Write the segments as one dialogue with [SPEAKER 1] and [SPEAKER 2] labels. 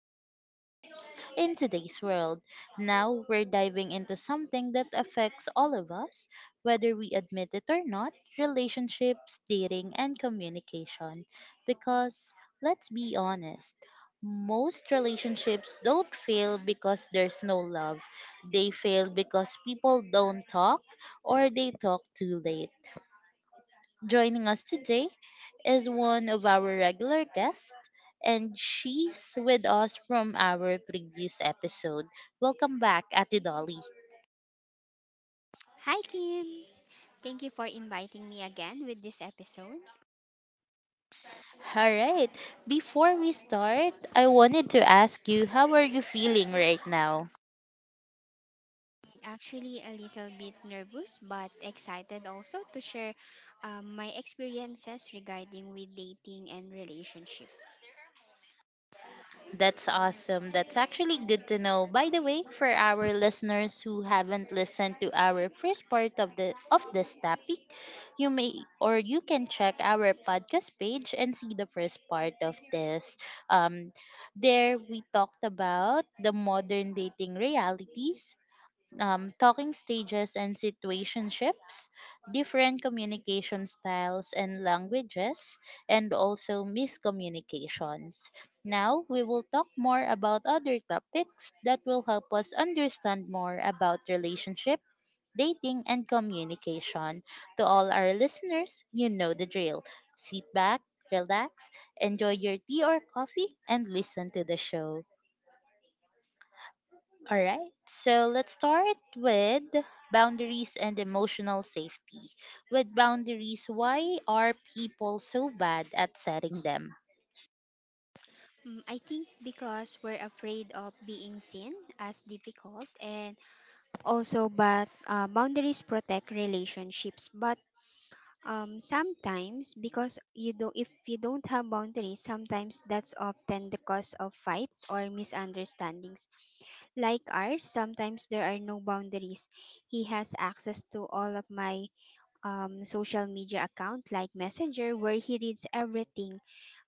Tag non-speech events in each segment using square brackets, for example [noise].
[SPEAKER 1] relationships in today's world. Now we're diving into something that affects all of us, whether we admit it or not, relationships, dating, and communication. Because let's be honest, most relationships don't fail because there's no love. They fail because people don't talk, or they talk too late. Joining us today is one of our regular guests, and she's with us from our previous episode. Welcome back, Ate Dolly.
[SPEAKER 2] Hi, Kim. Thank you for inviting me again with this episode.
[SPEAKER 1] All right, before we start, I wanted to ask you, how are you feeling right now?
[SPEAKER 2] Actually, a little bit nervous but excited also to share my experiences regarding with dating and relationship.
[SPEAKER 1] That's awesome. That's actually good to know. By the way, for our listeners who haven't listened to our first part of this topic, you may or you can check our podcast page and see the first part of this. Um there we talked about the modern dating realities, talking stages and situationships, different communication styles and languages, and also miscommunications. Now, we will talk more about other topics that will help us understand more about relationship, dating, and communication. To all our listeners, you know the drill. Sit back, relax, enjoy your tea or coffee, and listen to the show. All right, so let's start with boundaries and emotional safety. With boundaries, why are people so bad at setting them?
[SPEAKER 2] Mm, I think because we're afraid of being seen as difficult and also but boundaries protect relationships but sometimes because you don't if you don't have boundaries sometimes that's often the cause of fights or misunderstandings. Like ours, sometimes there are no boundaries. He has access to all of my social media account like Messenger where he reads everything,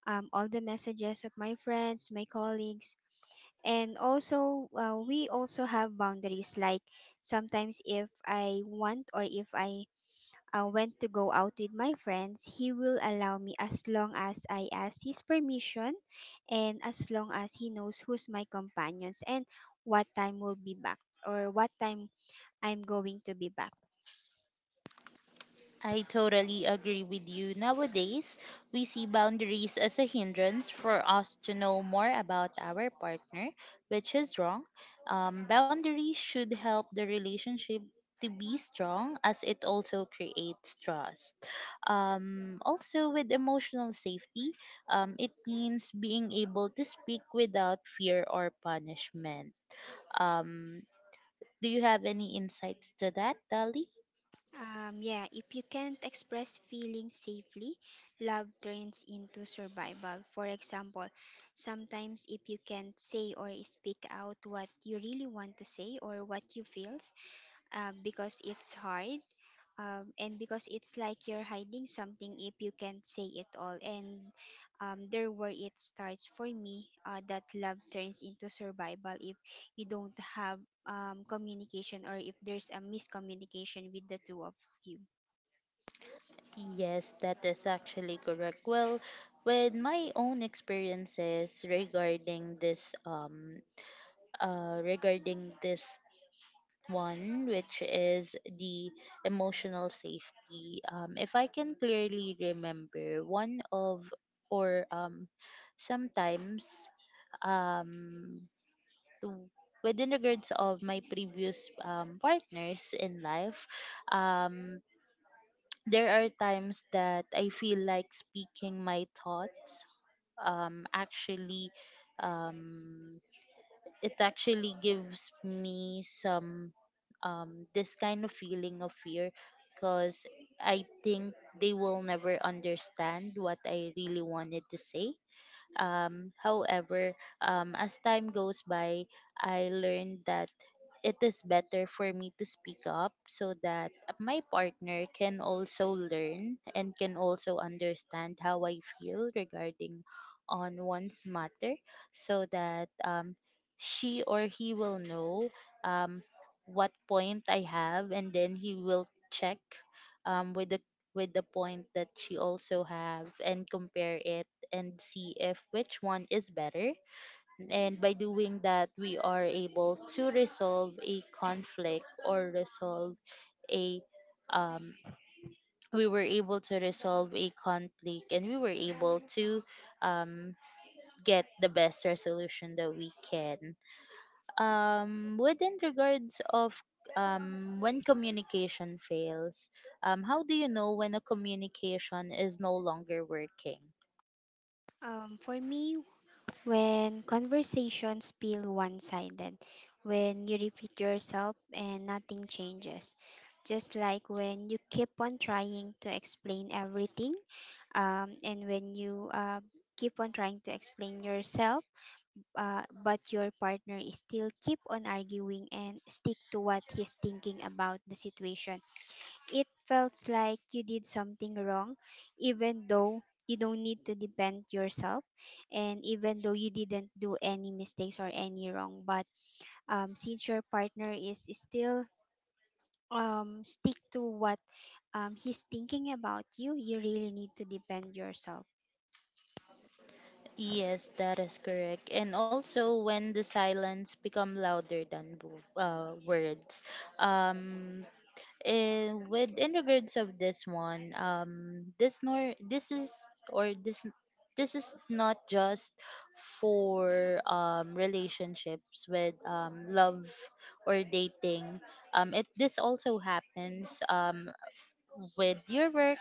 [SPEAKER 2] all the messages of my friends, my colleagues. And also, we also have boundaries. Like sometimes, if I want or if I when to go out with my friends, he will allow me as long as I ask his permission and as long as he knows who's my companions and what time will be back or what time I'm going to be back.
[SPEAKER 1] I totally agree with you. Nowadays, we see boundaries as a hindrance for us to know more about our partner, which is wrong. Boundaries should help the relationship to be strong, as it also creates trust. Also, with emotional safety, it means being able to speak without fear or punishment. Um, do you have any insights to that, Dali?
[SPEAKER 2] Yeah, if you can't express feelings safely, love turns into survival. For example, sometimes if you can't say or speak out what you really want to say or what you feel, because it's hard and because it's like you're hiding something if you can't say it all and there where it starts for me that love turns into survival if you don't have communication or if there's a miscommunication with the two of you.
[SPEAKER 1] Yes, that is actually correct. Well, with my own experiences regarding this one, which is the emotional safety. If I can clearly remember, one of, or sometimes, um to within regards of my previous, partners in life, um, there are times that I feel like speaking my thoughts, actually, um, it actually gives me some, this kind of feeling of fear, because I think they will never understand what I really wanted to say. However, as time goes by, I learned that it is better for me to speak up, so that my partner can also learn and can also understand how I feel regarding on one's matter, so that she or he will know um, what point I have, and then he will check, um, with the with the point that she also have, and compare it and see if which one is better. And by doing that, we are able to resolve a conflict or resolve a um, we were able to resolve a conflict, and we were able to um, get the best resolution that we can. Within regards of, when communication fails, how do you know when a communication is no longer working?
[SPEAKER 2] For me, when conversations feel one-sided, when you repeat yourself and nothing changes, just like when you keep on trying to explain everything, and when you keep on trying to explain yourself, but your partner is still keep on arguing and stick to what he's thinking about the situation, it felt like you did something wrong even though you don't need to defend yourself and even though you didn't do any mistakes or any wrong, but since your partner is still stick to what he's thinking about you, you really need to defend yourself.
[SPEAKER 1] Yes, that is correct. And also when the silence become louder than words. Um with in regards of this one, this nor this is or this is not just for relationships with love or dating. It this also happens with your work,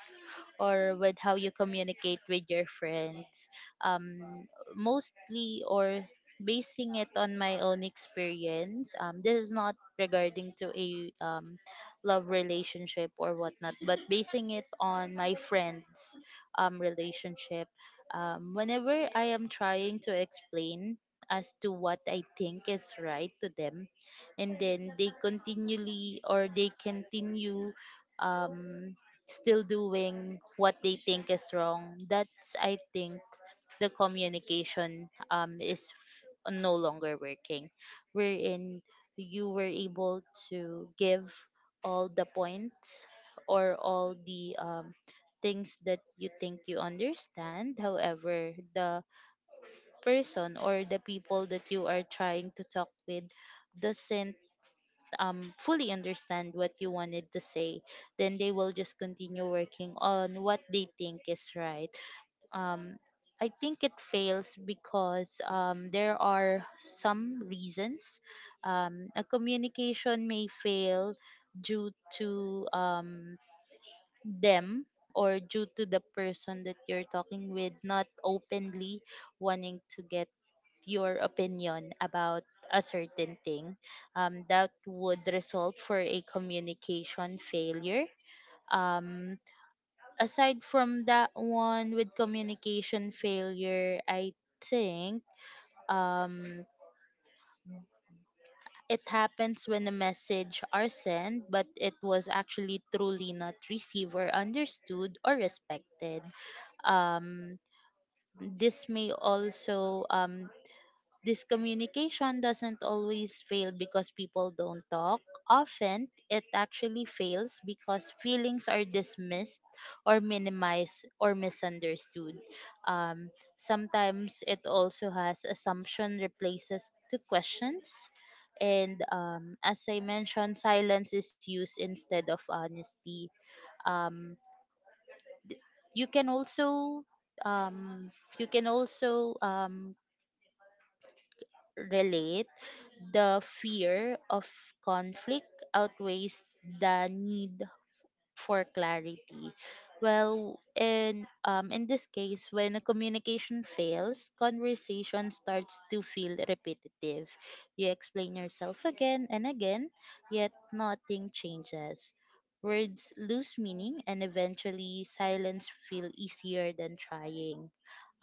[SPEAKER 1] or with how you communicate with your friends. Um, mostly, or basing it on my own experience. This is not regarding to a love relationship or whatnot, but basing it on my friends' relationship. Whenever I am trying to explain as to what I think is right to them, and then they continually or they continue um, still doing what they think is wrong, that's, I think, the communication is no longer working. Wherein you were able to give all the points, or all the things that you think you understand. However, the person or the people that you are trying to talk with doesn't fully understand what you wanted to say, then they will just continue working on what they think is right. um I think it fails because there are some reasons. A communication may fail due to, them, or due to the person that you're talking with not openly wanting to get your opinion about a certain thing, that would result for a communication failure. um, aside from that one, with communication failure, I think um, it happens when a message are sent, but it was actually truly not received or understood or respected. Um, this may also This communication doesn't always fail because people don't talk. Often, it actually fails because feelings are dismissed or minimized or misunderstood. Um, sometimes, it also has assumption replaces to questions. And, as I mentioned, silence is used instead of honesty. Um, you can also um, you can also relate the fear of conflict outweighs the need for clarity. Well, in this case, when a communication fails, conversation starts to feel repetitive. You explain yourself again and again, yet nothing changes. Words lose meaning, and eventually silence feel easier than trying.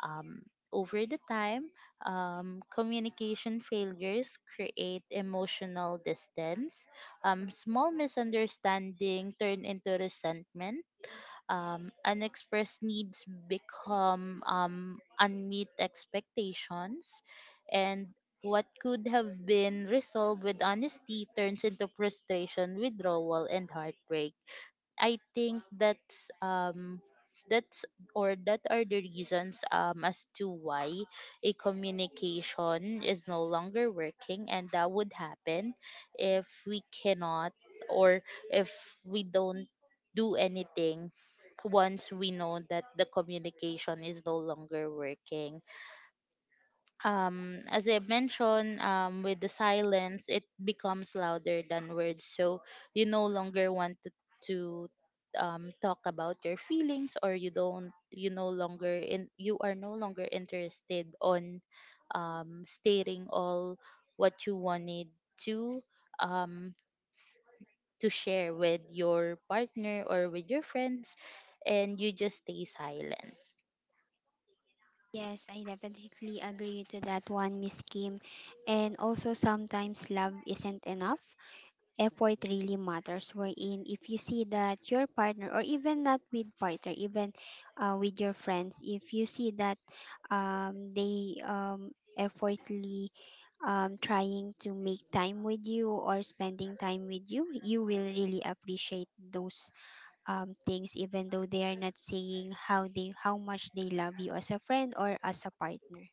[SPEAKER 1] Over the time, communication failures create emotional distance. Small misunderstanding turn into resentment. Unexpressed needs become unmet expectations, and what could have been resolved with honesty turns into frustration, withdrawal, and heartbreak. I think that's that are the reasons as to why a communication is no longer working, and that would happen if we cannot, or if we don't do anything once we know that the communication is no longer working. As I mentioned, with the silence, it becomes louder than words. So you no longer want to talk about your feelings, or you don't, you no longer, you are no longer interested on stating all what you wanted to um, to share with your partner or with your friends, and you just stay silent.
[SPEAKER 2] Yes, I definitely agree to that one, Miss Kim. And also, sometimes love isn't enough. Effort really matters. Wherein, if you see that your partner, or even not with partner, even with your friends, if you see that they effortly trying to make time with you or spending time with you, you will really appreciate those things even though they are not saying how they how much they love you as a friend or as a partner.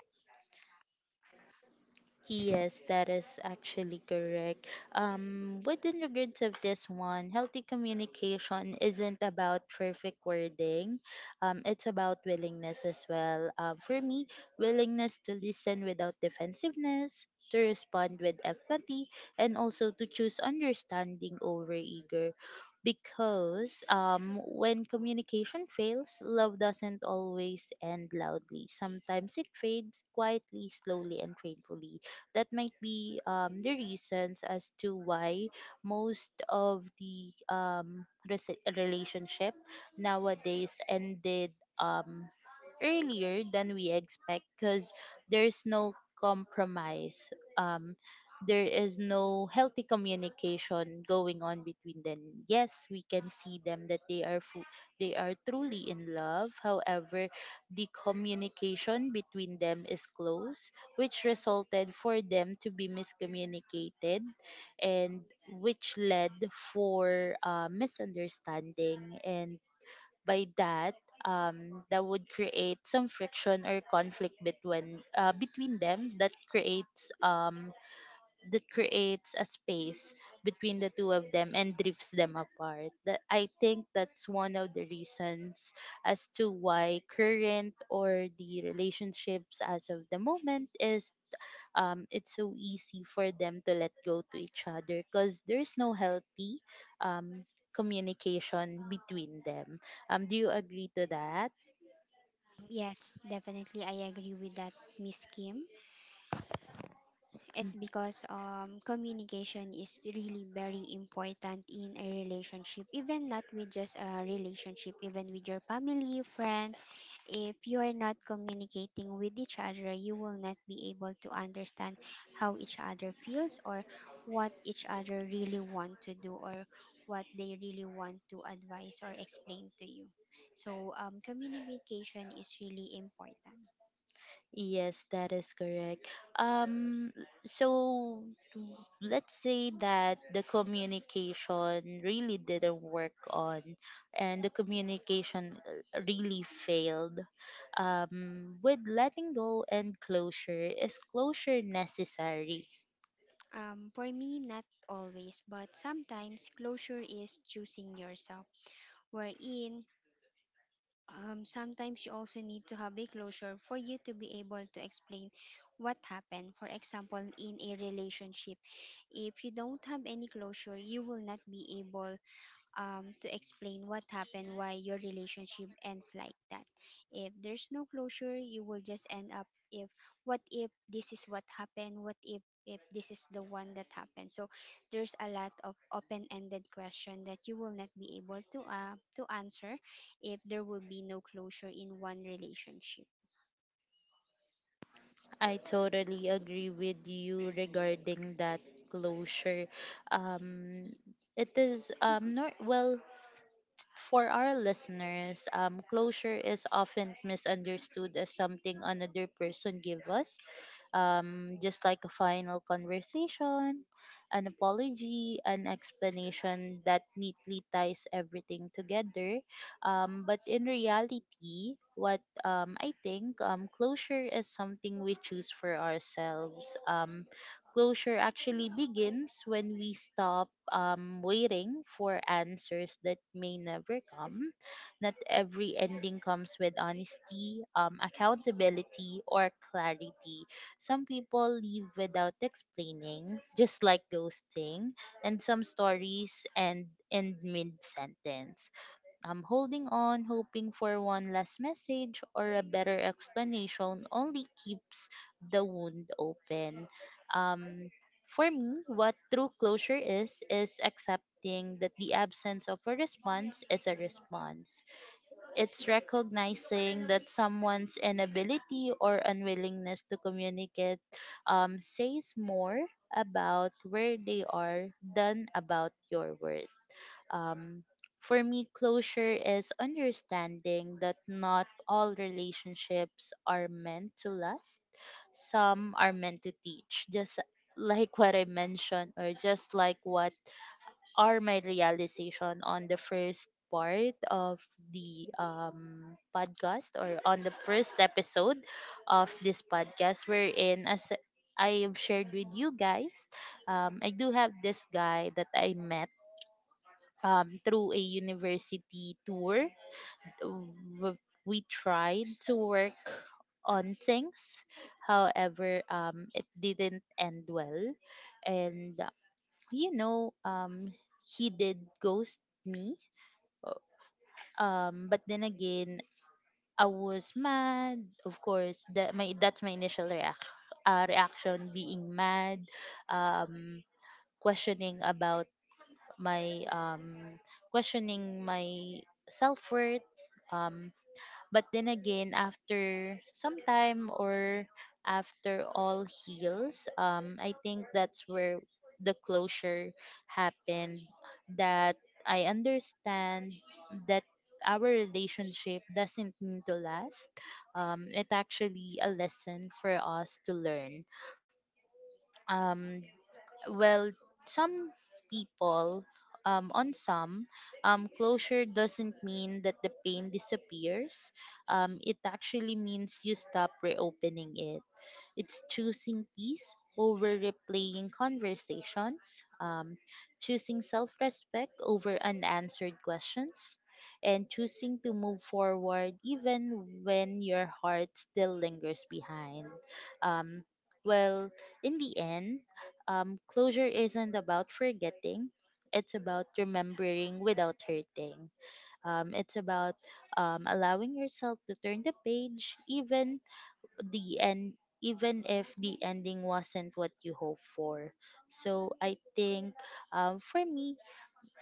[SPEAKER 1] Yes, that is actually correct. Within regards of this one, healthy communication isn't about perfect wording. It's about willingness as well. For me, willingness to listen without defensiveness, to respond with empathy, and also to choose understanding over eager. Because, when communication fails, love doesn't always end loudly. Sometimes it fades quietly, slowly, and painfully. That might be the reasons as to why most of the relationship nowadays ended um, earlier than we expect, because there's no compromise. Um, there is no healthy communication going on between them. Yes, we can see them that they are they are truly in love. However, the communication between them is close, which resulted for them to be miscommunicated, and which led for misunderstanding. And by that, that would create some friction or conflict between them, that creates a space between the two of them and drifts them apart. That, I think, that's one of the reasons as to why current, or the relationships as of the moment, is, it's so easy for them to let go to each other, because there's no healthy um communication between them. Do you agree to that?
[SPEAKER 2] Yes, definitely, I agree with that, Miss Kim. It's because communication is really very important in a relationship, even not with just a relationship, even with your family, friends. If you are not communicating with each other, you will not be able to understand how each other feels or what each other really want to do or what they really want to advise or explain to you. So communication is really important.
[SPEAKER 1] Yes, that is correct. Um, so let's say that the communication really didn't work on, and the communication really failed. With letting go and closure, is closure necessary?
[SPEAKER 2] For me, not always, but sometimes closure is choosing yourself. Wherein, sometimes you also need to have a closure for you to be able to explain what happened. For example, in a relationship, if you don't have any closure, you will not be able to explain what happened, why your relationship ends like that. If there's no closure, you will just end up if what if this is what happened, what if this is the one that happened. So there's a lot of open-ended question that you will not be able to answer if there will be no closure in one relationship.
[SPEAKER 1] I totally agree with you regarding that closure. Um, it is
[SPEAKER 2] Mm-hmm.
[SPEAKER 1] not well. For our listeners, closure is often misunderstood as something another person give us, just like a final conversation, an apology, an explanation that neatly ties everything together. But in reality, what, I think, closure is something we choose for ourselves. Closure actually begins when we stop waiting for answers that may never come. Not every ending comes with honesty, accountability, or clarity. Some people leave without explaining, just like ghosting, and some stories end mid sentence. I'm holding on, hoping for one last message or a better explanation, only keeps the wound open. Um, for me, what true closure is accepting that the absence of a response is a response. It's recognizing that someone's inability or unwillingness to communicate, says more about where they are than about your worth. um, for me, closure is understanding that not all relationships are meant to last. Some are meant to teach, just like what I mentioned, or just like what are my realization on the first part of the podcast, or on the first episode of this podcast, wherein as I have shared with you guys, I do have this guy that I met through a university tour. W- We tried to work on things. However, it didn't end well. And, you know, um, he did ghost me. But then again, I was mad. Of course, that's my initial reaction. Reaction being mad, um, questioning about my questioning my self worth. Um, but then again, after some time or after all heals, I think that's where the closure happened. That I understand that our relationship doesn't need to last. It's actually a lesson for us to learn um well, some people, on some, closure doesn't mean that the pain disappears. It actually means you stop reopening it. It's choosing peace over replaying conversations, choosing self respect over unanswered questions, and choosing to move forward even when your heart still lingers behind. Um, well, in the end, closure isn't about forgetting. It's about remembering without hurting. It's about allowing yourself to turn the page even the end even if the ending wasn't what you hoped for. So I think, for me,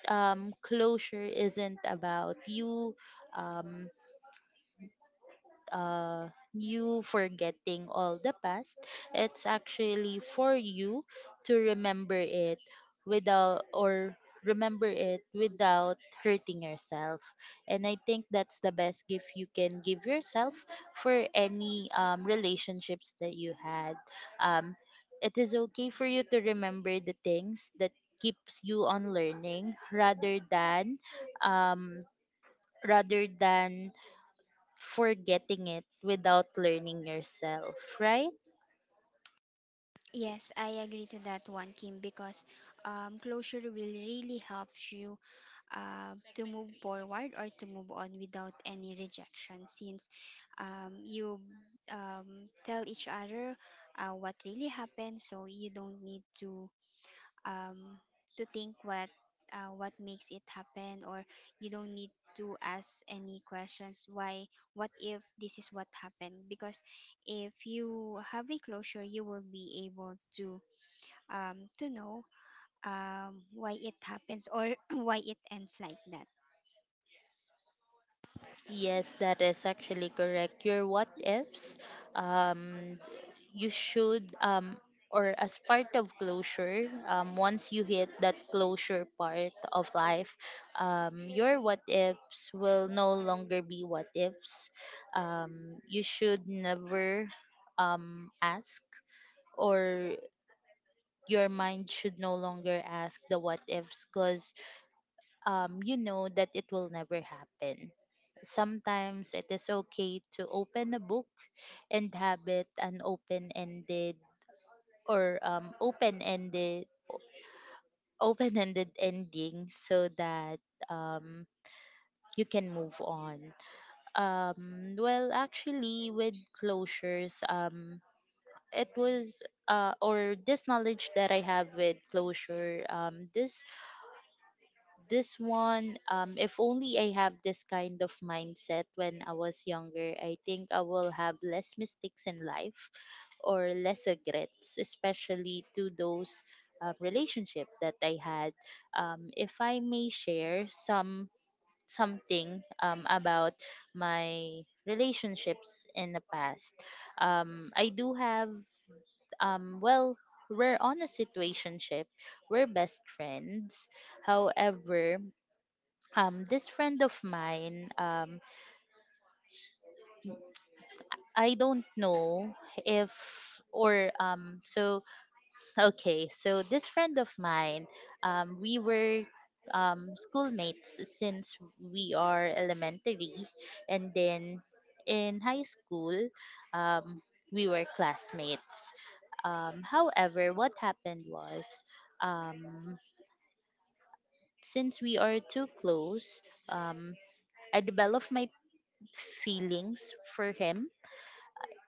[SPEAKER 1] closure isn't about um, uh, you forgetting all the past. It's actually for you to remember it without or remember it without hurting yourself. And I think that's the best gift you can give yourself for any relationships that you had. Um, it is okay for you to remember the things that keeps you on learning um rather than forgetting it without learning yourself, right?
[SPEAKER 2] Yes, I agree to that one, Kim, because closure will really help you to move forward or to move on without any rejection since you tell each other what really happened, so you don't need um, to think what makes it happen, or you don't need to ask any questions. Why? What if this is what happened? Because if you have a closure, you will be able to know why it happens or [clears throat] why it ends like that.
[SPEAKER 1] Yes, that is actually correct. Your what ifs, um, you or as part of closure, once you hit that closure part of life, your what ifs will no longer be what ifs. You should never ask, or your mind should no longer ask the what ifs because you know that it will never happen. Sometimes it is okay to open a book and have it an open ended or um, open ended open ended [laughs] ending so that, um, you can move on. Well, actually, with closures, it was or this knowledge that I have with closure, if only I have this kind of mindset when I was younger, I think I will have less mistakes in life or less regrets, especially to those relationship that I had. If I may share something about my relationships in the past, I do have um, well. We're on a situationship. We're best friends. However, this friend of mine, I don't know if or so okay so this friend of mine, we were schoolmates since we are elementary, and then in high school um we were classmates. However, what happened was, um since we are too close, um I developed my feelings for him,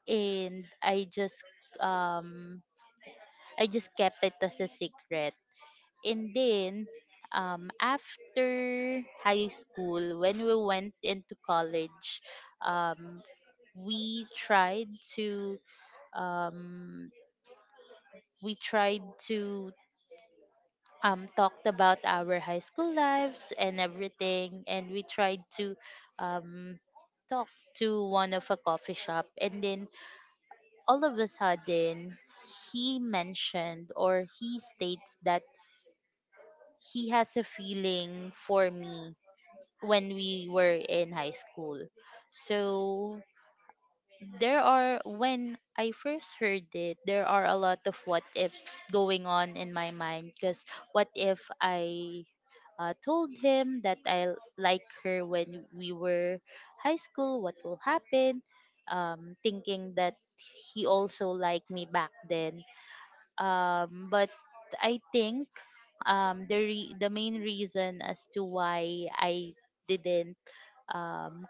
[SPEAKER 1] and I just, um I just kept it as a secret. And then, after high school, when we went into college, um we tried to um we tried to, talked about our high school lives and everything, and we tried to um talk to one of a coffee shop, and then all of a sudden he mentioned, or he states that he has a feeling for me when we were in high school. So there are when I first heard it, there are a lot of what ifs going on in my mind, because what if I, told him that I like her when we were high school, what will happen? Um, thinking that he also liked me back then. But I think, the main reason as to why I didn't, um,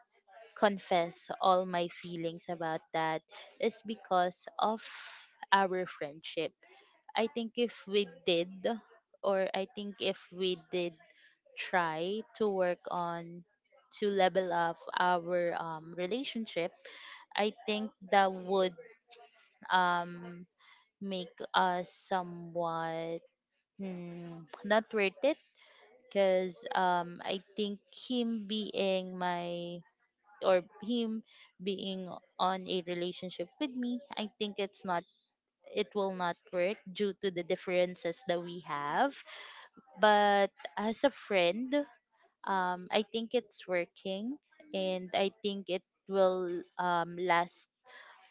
[SPEAKER 1] confess all my feelings about that is because of our friendship. I think if we did, I think if we did try to work on to level up our relationship, I think that would, um, make us somewhat, hmm, not worth it, because I think him being or him being on a relationship with me, I think it's not it will not work due to the differences that we have. But as a friend, I think it's working, and I think it will last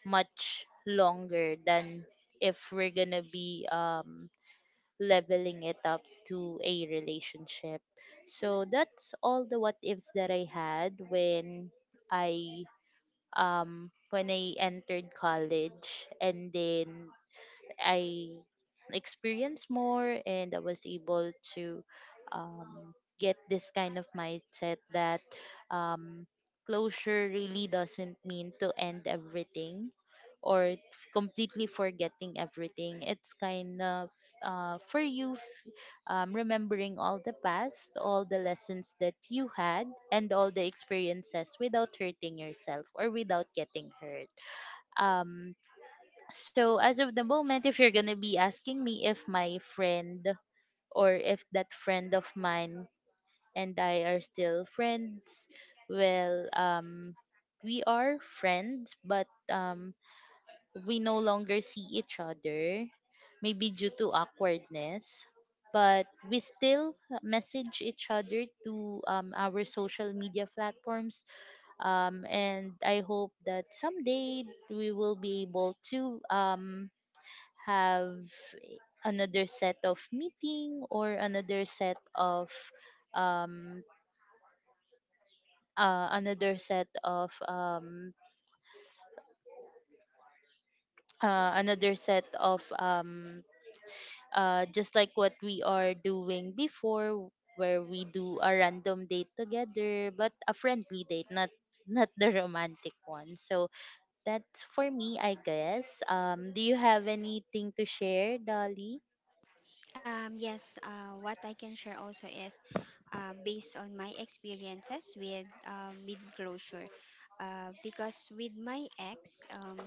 [SPEAKER 1] much longer than if we're gonna be leveling it up to a relationship. So that's all the what ifs that I had when I, when I entered college, and then I experienced more and I was able to, um, get this kind of mindset that, um, closure really doesn't mean to end everything or completely forgetting everything. It's kind of, uh, for you f- remembering all the past, all the lessons that you had, and all the experiences without hurting yourself or without getting hurt. Um, so as of the moment, if you're gonna be asking me if my friend or if that friend of mine and I are still friends, well, we are friends, but, we no longer see each other, maybe due to awkwardness. But we still message each other to, our social media platforms, and I hope that someday we will be able to, have another set of meeting or another set of um another set of another set of just like what we are doing before, where we do a random date together, but a friendly date, not not the romantic one. So that's for me, I guess. Um, do you have anything to share, Dolly?
[SPEAKER 2] Yes, what I can share also is based on my experiences with closure. Because with my ex,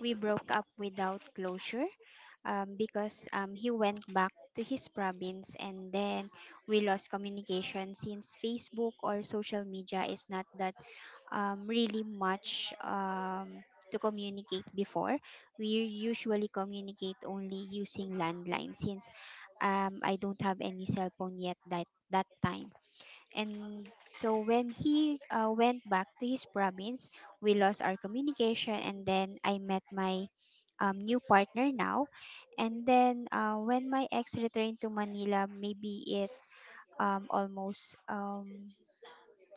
[SPEAKER 2] we broke up without closure because he went back to his province and then we lost communication since Facebook or social media is not that really much to communicate before. We usually communicate only using landline since I don't have any cell phone yet that that time. And so when he went back to his province, we lost our communication. And then I met my new partner now. And then when my ex returned to Manila, maybe it almost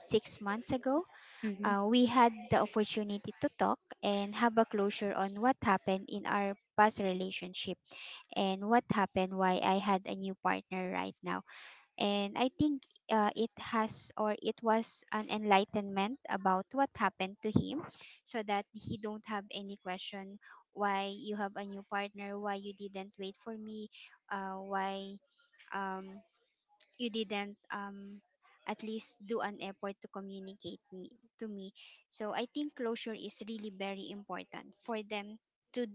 [SPEAKER 2] 6 months ago,
[SPEAKER 1] Mm-hmm.
[SPEAKER 2] we had the opportunity to talk and have a closure on what happened in our past relationship and what happened why I had a new partner right now. And I think it has or it was an enlightenment about what happened to him, so that he don't have any question why you have a new partner, why you didn't wait for me, why um, you didn't at least do an effort to communicate me to me. So I think closure is really very important for them to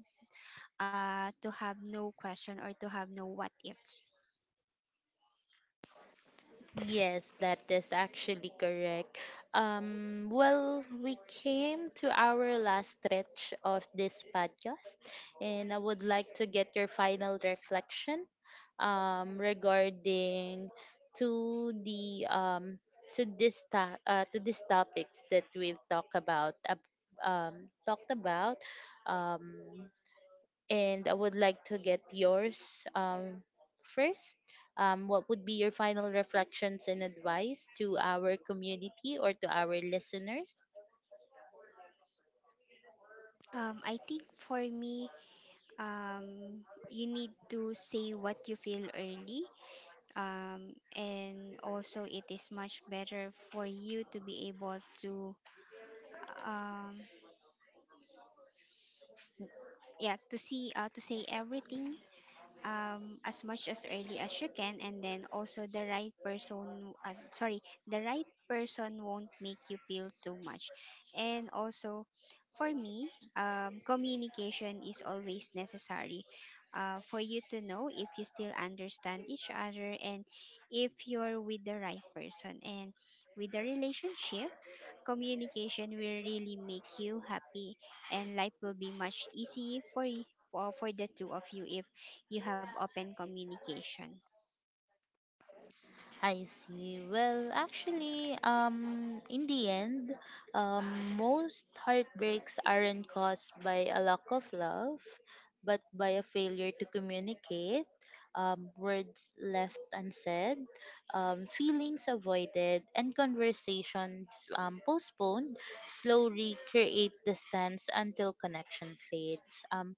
[SPEAKER 2] to have no question or to have no what ifs.
[SPEAKER 1] Yes, that is actually correct. Well, we came to our last stretch of this podcast, and I would like to get your final reflection, regarding to the to to these topics that we've talked about, talked about. Um, and I would like to get yours, first. What would be your final reflections and advice to our community or to our listeners?
[SPEAKER 2] I think for me, um, you need to say what you feel early, and also it is much better for you to be able to um, yeah to see to say everything as much as early as you can. And then also the right person sorry the right person won't make you feel too much. And also, for me, communication is always necessary for you to know if you still understand each other and if you're with the right person and with the relationship. Communication will really make you happy, and life will be much easier for for the two of you if you have open communication.
[SPEAKER 1] I see. Well, actually, in the end, um, most heartbreaks aren't caused by a lack of love, but by a failure to communicate, words left unsaid, feelings avoided, and conversations, postponed, slowly create distance until connection fades.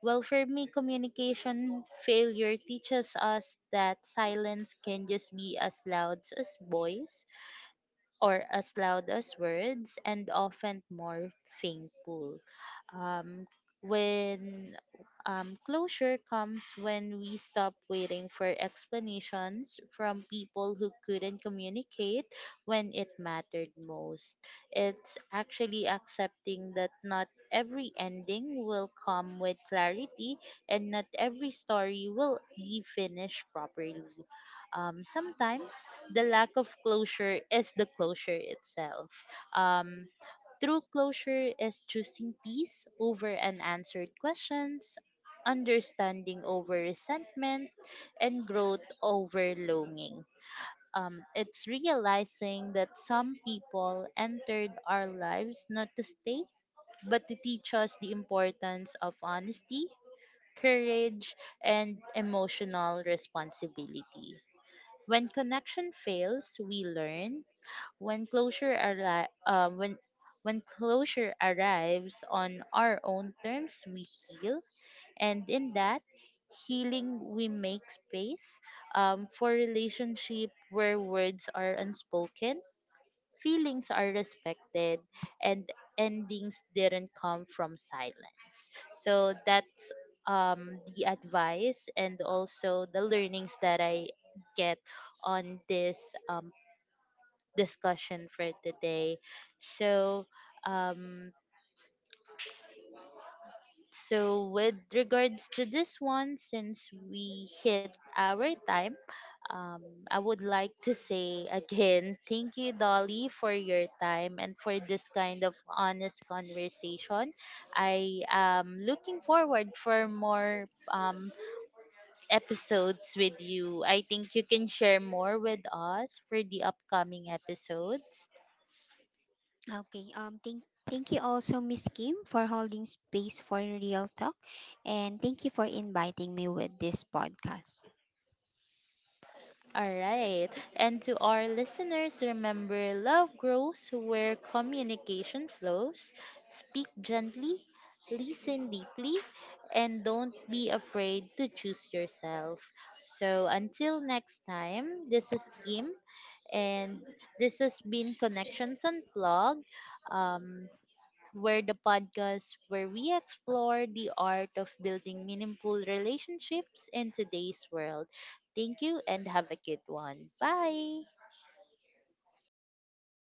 [SPEAKER 1] Well, for me, communication failure teaches us that silence can just be as loud as voice or as loud as words, and often more painful. Um, when Closure comes when we stop waiting for explanations from people who couldn't communicate when it mattered most. It's actually accepting that not every ending will come with clarity, and not every story will be finished properly. Sometimes the lack of closure is the closure itself. Um, True closure is choosing peace over unanswered questions, understanding over resentment, and growth over longing. It's realizing that some people entered our lives not to stay, but to teach us the importance of honesty, courage, and emotional responsibility. When connection fails, we learn. when closure arri- um, when when closure arrives on our own terms, we heal, and in that healing, we make space, for relationship where words are unspoken, feelings are respected, and endings didn't come from silence. So that's, the advice and also the learnings that I get on this, um, discussion for today. So, um, with regards to this one, since we hit our time, um, I would like to say again, thank you, Dolly, for your time and for this kind of honest conversation. I am looking forward for more, um, episodes with you. I think you can share more with us for the upcoming episodes.
[SPEAKER 2] Okay. Thank you also, Miss Kim, for holding space for real talk, and thank you for inviting me with this podcast.
[SPEAKER 1] All right. And to our listeners, remember, love grows where communication flows. Speak gently, listen deeply, and don't be afraid to choose yourself. So until next time, this is Kim, and this has been Connections Unplugged. Um, we're the podcast where we explore the art of building meaningful relationships in today's world. Thank you, and have a good one. Bye.